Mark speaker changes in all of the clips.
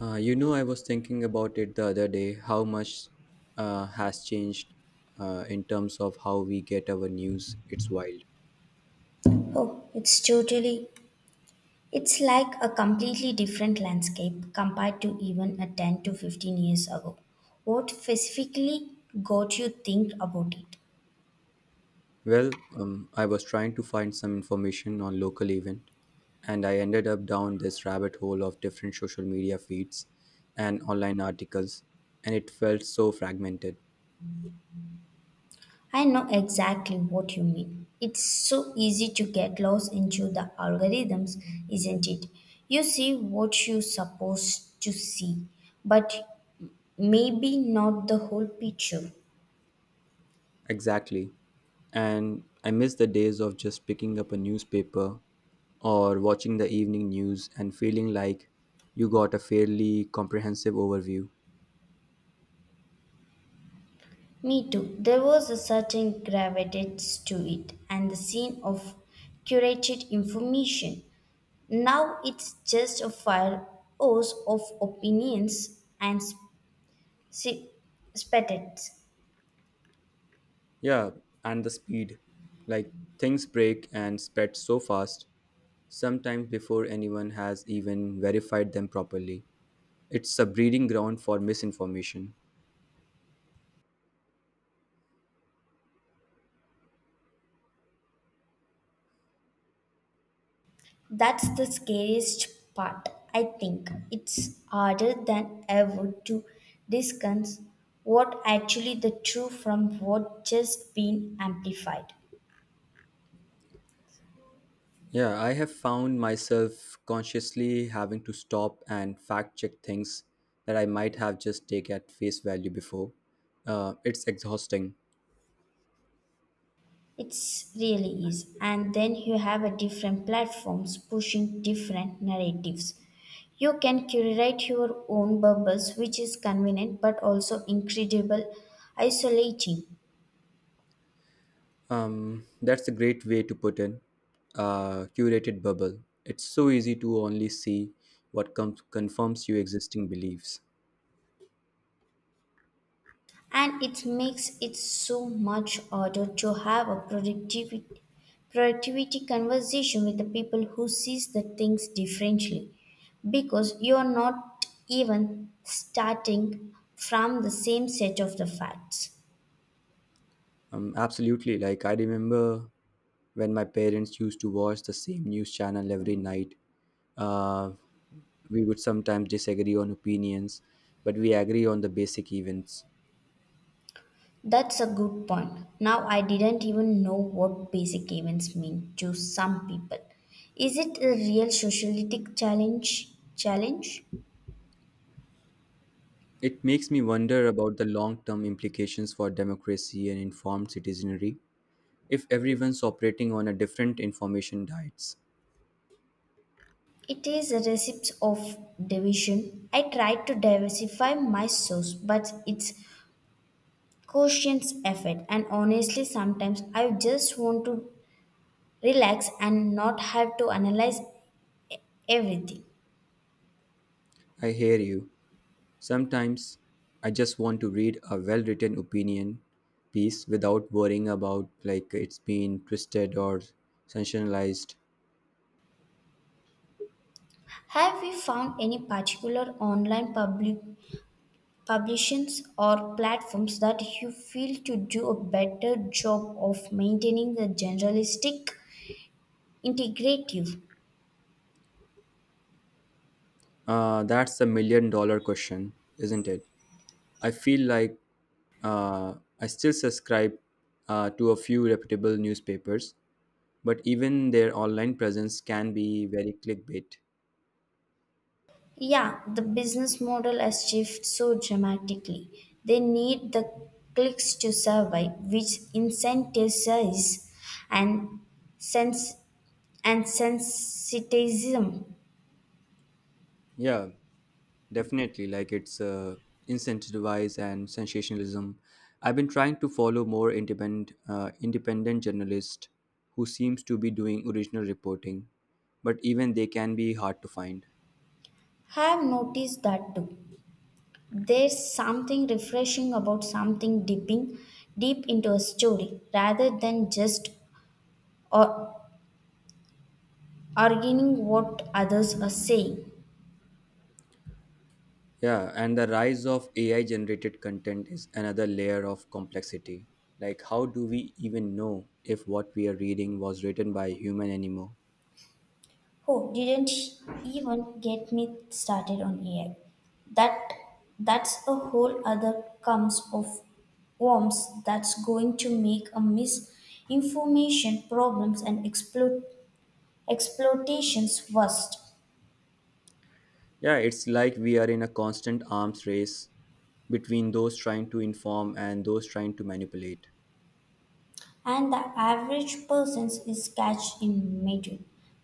Speaker 1: I was thinking about it the other day, how much has changed in terms of how we get our news. It's wild.
Speaker 2: Oh, it's like a completely different landscape compared to even a 10 to 15 years ago. What specifically got you think about it?
Speaker 1: I was trying to find some information on local event, and I ended up down this rabbit hole of different social media feeds and online articles, and it felt so fragmented.
Speaker 2: I know exactly what you mean. It's so easy to get lost into the algorithms, isn't it? You see what you're supposed to see, but maybe not the whole picture.
Speaker 1: Exactly. And I miss the days of just picking up a newspaper or watching the evening news and feeling like you got a fairly comprehensive overview.
Speaker 2: Me too. There was a certain gravitas to it and the scene of curated information. Now it's just a fire hose of opinions and sp- spectators.
Speaker 1: Yeah, and the speed. Like things break and spread so fast, sometimes before anyone has even verified them properly. It's a breeding ground for misinformation.
Speaker 2: That's the scariest part, I think. It's harder than ever to discern what actually the truth from what just been amplified.
Speaker 1: Yeah, I have found myself consciously having to stop and fact check things that I might have just taken at face value before. It's exhausting.
Speaker 2: It's really is. And then you have a different platforms pushing different narratives. You can curate your own bubbles, which is convenient but also incredible isolating.
Speaker 1: That's a great way to put in a curated bubble. It's so easy to only see confirms your existing beliefs.
Speaker 2: And it makes it so much harder to have a productivity conversation with the people who sees the things differently because you're not even starting from the same set of the facts.
Speaker 1: Absolutely. Like, I remember when my parents used to watch the same news channel every night. Uh, we would sometimes disagree on opinions, but we agree on the basic events.
Speaker 2: That's a good point. Now, I didn't even know what basic events mean to some people. Is it a real socialistic challenge?
Speaker 1: It makes me wonder about the long term implications for democracy and informed citizenry if everyone's operating on a different information diets.
Speaker 2: It is a recipe of division. I tried to diversify my source, but it's conscious effort. And honestly, sometimes I just want to relax and not have to analyze everything.
Speaker 1: I hear you. Sometimes I just want to read a well written opinion piece without worrying about like it's being twisted or sensationalized.
Speaker 2: Have you found any particular online publications or platforms that you feel to do a better job of maintaining the generalistic integrative.
Speaker 1: That's the million dollar question, isn't it? I feel like uh, I still subscribe to a few reputable newspapers, but even their online presence can be very clickbait.
Speaker 2: Yeah, the business model has shifted so dramatically, they need the clicks to survive, which incentivizes and sense and sensitism.
Speaker 1: Yeah, definitely, like it's incentivized and sensationalism. I've been trying to follow more independent journalists who seems to be doing original reporting, but even they can be hard to find.
Speaker 2: Have noticed that too. There's something refreshing about something dipping deep into a story rather than just or arguing what others are saying.
Speaker 1: Yeah, and the rise of AI generated content is another layer of complexity. Like, how do we even know if what we are reading was written by a human anymore?
Speaker 2: Oh, didn't even get me started on AI. That that's a whole other comes of worms that's going to make a misinformation problems and exploitations worse.
Speaker 1: Yeah, it's like we are in a constant arms race between those trying to inform and those trying to manipulate.
Speaker 2: And the average person is catched in middle,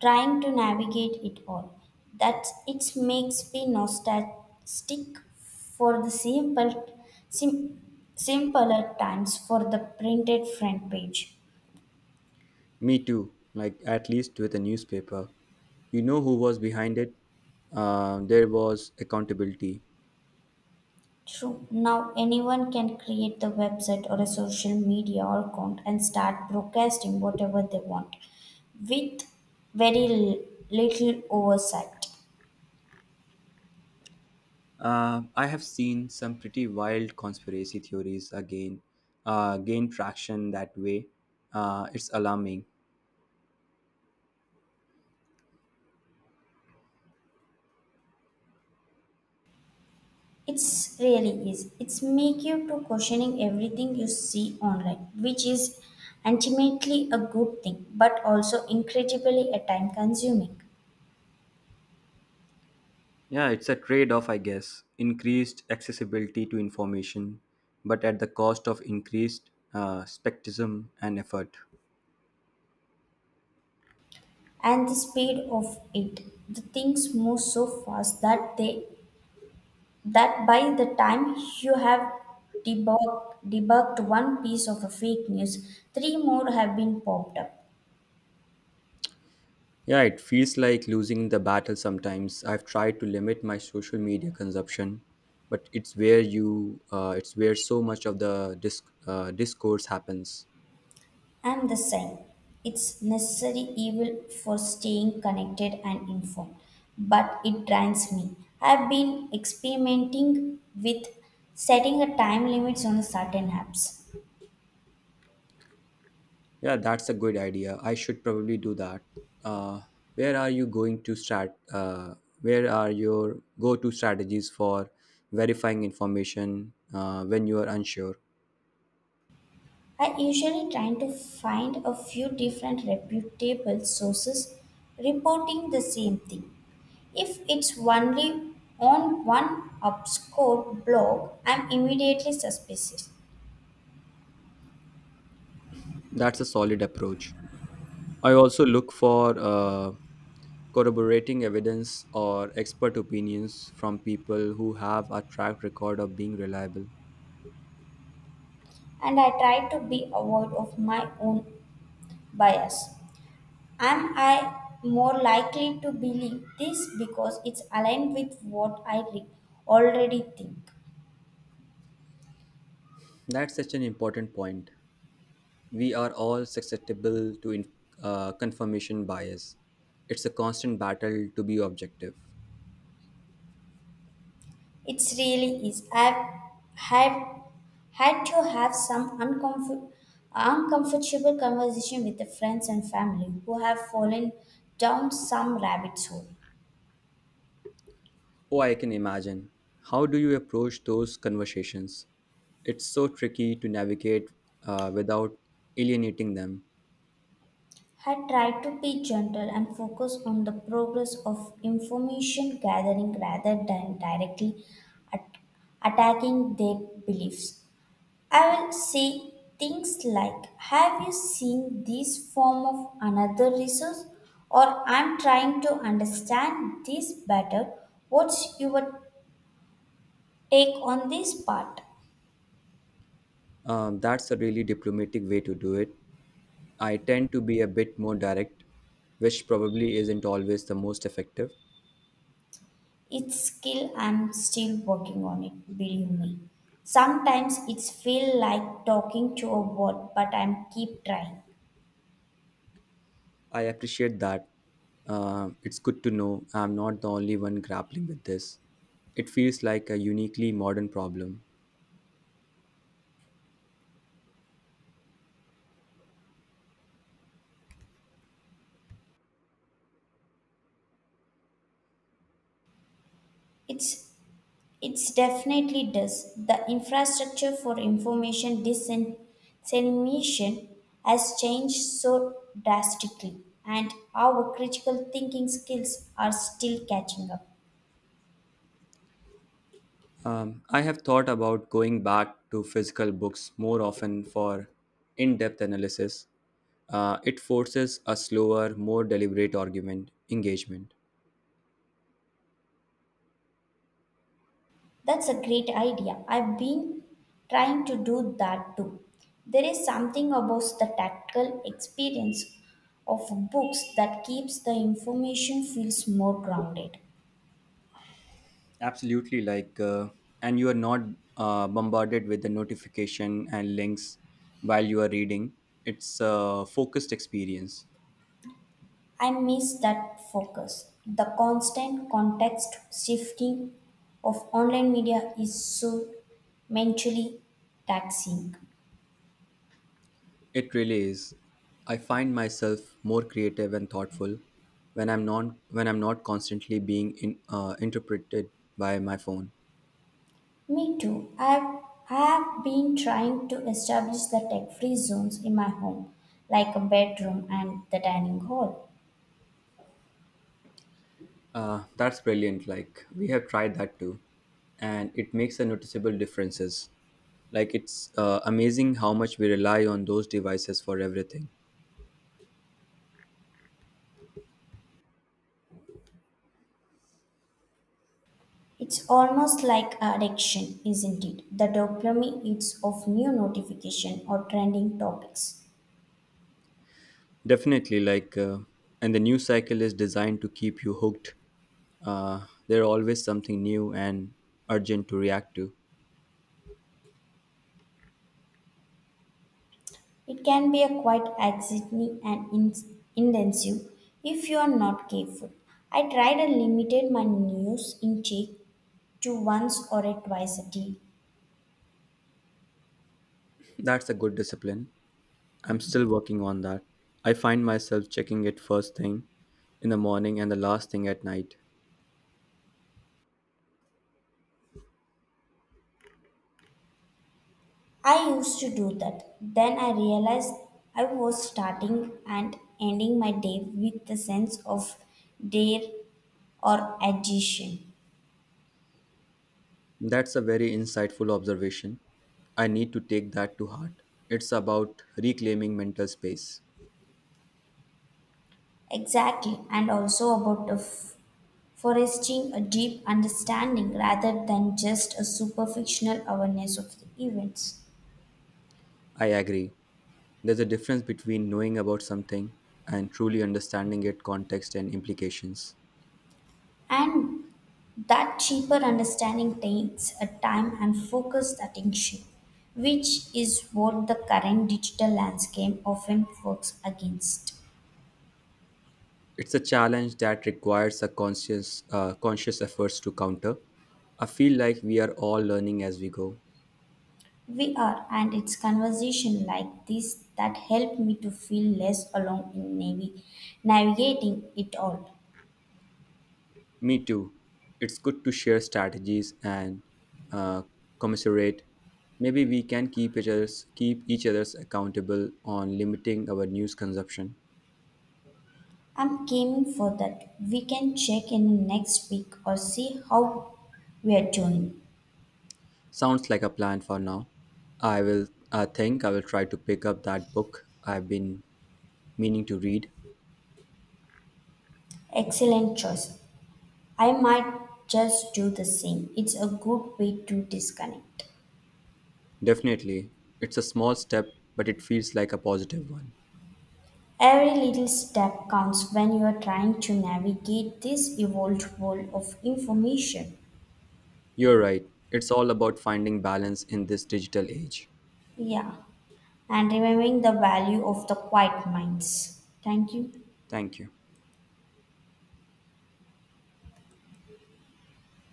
Speaker 2: trying to navigate it all. That it makes me nostalgic for the sim, simpler times for the printed front page.
Speaker 1: Me too, like at least with a newspaper. You know who was behind it? There was accountability.
Speaker 2: True. Now anyone can create the website or a social media account and start broadcasting whatever they want with very little oversight.
Speaker 1: I have seen some pretty wild conspiracy theories again gain traction that way. It's alarming.
Speaker 2: It's really is. It's make you to questioning everything you see online, which is ultimately a good thing, but also incredibly a time consuming.
Speaker 1: Yeah, it's a trade off, I guess. Increased accessibility to information, but at the cost of increased skepticism and effort.
Speaker 2: And the speed of it, the things move so fast that they that by the time you have debugged one piece of a fake news, three more have been popped up.
Speaker 1: Yeah, it feels like losing the battle sometimes. I've tried to limit my social media consumption, but it's where so much of the discourse happens.
Speaker 2: I'm the same. It's necessary evil for staying connected and informed, but it drains me. I've been experimenting with setting a time limits on certain apps.
Speaker 1: Yeah, that's a good idea. I should probably do that. Uh, where are you going to start? Where are your go-to strategies for verifying information when you are unsure?
Speaker 2: I usually try to find a few different reputable sources reporting the same thing. If it's only on one obscure blog, I'm immediately suspicious.
Speaker 1: That's a solid approach. I also look for corroborating evidence or expert opinions from people who have a track record of being reliable.
Speaker 2: And I try to be aware of my own bias. Am I more likely to believe this because it's aligned with what I already think?
Speaker 1: That's such an important point. We are all susceptible to confirmation bias. It's a constant battle to be objective.
Speaker 2: It really is. I've had, had to have some uncomfortable conversation with the friends and family who have fallen down some rabbit's hole.
Speaker 1: Oh, I can imagine. How do you approach those conversations? It's so tricky to navigate without alienating them.
Speaker 2: I tried to be gentle and focus on the progress of information gathering rather than directly at- attacking their beliefs. I will say things like, "Have you seen this form of another resource?" Or, "I'm trying to understand this better. What's your take on this part?"
Speaker 1: That's a really diplomatic way to do it. I tend to be a bit more direct, which probably isn't always the most effective.
Speaker 2: It's skill I'm still working on it, believe me. Sometimes it's feel like talking to a wall, but I'm keep trying.
Speaker 1: I appreciate that. It's good to know I'm not the only one grappling with this. It feels like a uniquely modern problem.
Speaker 2: It's It's definitely does. The infrastructure for information dissemination has changed so drastically, and our critical thinking skills are still catching up.
Speaker 1: I have thought about going back to physical books more often for in depth analysis. It forces a slower, more deliberate argument engagement.
Speaker 2: That's a great idea. I've been trying to do that too. There is something about the tactile experience of books that keeps the information feels more grounded.
Speaker 1: Absolutely, and you are not bombarded with the notification and links while you are reading. It's a focused experience.
Speaker 2: I miss that focus. The constant context shifting of online media is so mentally taxing.
Speaker 1: It really is. I find myself more creative and thoughtful when I'm not constantly being interpreted by my phone.
Speaker 2: Me too. I've been trying to establish the tech free zones in my home, like a bedroom and the dining hall.
Speaker 1: That's brilliant. Like we have tried that too, and it makes a noticeable differences. Like it's amazing how much we rely on those devices for everything.
Speaker 2: It's almost like an addiction, isn't it? The dopamine hits of new notification or trending topics.
Speaker 1: Definitely, and the news cycle is designed to keep you hooked. There's always something new and urgent to react to.
Speaker 2: It can be a quite anxiety and intensive if you are not careful. I tried and limited my news intake to once or twice a day.
Speaker 1: That's a good discipline. I'm still working on that. I find myself checking it first thing in the morning and the last thing at night.
Speaker 2: I used to do that. Then I realized I was starting and ending my day with the sense of dare or agitation.
Speaker 1: That's a very insightful observation. I need to take that to heart. It's about reclaiming mental space.
Speaker 2: Exactly, and also about the foresting a deep understanding rather than just a superficial awareness of the events.
Speaker 1: I agree. There's a difference between knowing about something and truly understanding its context and implications.
Speaker 2: And that cheaper understanding takes a time and focused attention, which is what the current digital landscape often works against.
Speaker 1: It's a challenge that requires a conscious efforts to counter. I feel like we are all learning as we go.
Speaker 2: We are, and it's conversation like this that helped me to feel less alone in navigating it all.
Speaker 1: Me too. It's good to share strategies and uh, commiserate. Maybe we can keep each other's accountable on limiting our news consumption.
Speaker 2: I'm aiming for that. We can check in next week or see how we are doing.
Speaker 1: Sounds like a plan for now. I think I will try to pick up that book I've been meaning to read.
Speaker 2: Excellent choice. I might just do the same. It's a good way to disconnect.
Speaker 1: Definitely. It's a small step, but it feels like a positive one.
Speaker 2: Every little step counts when you are trying to navigate this evolved world of information.
Speaker 1: You're right. It's all about finding balance in this digital age.
Speaker 2: Yeah, and remembering the value of the quiet minds. Thank you.
Speaker 1: Thank you.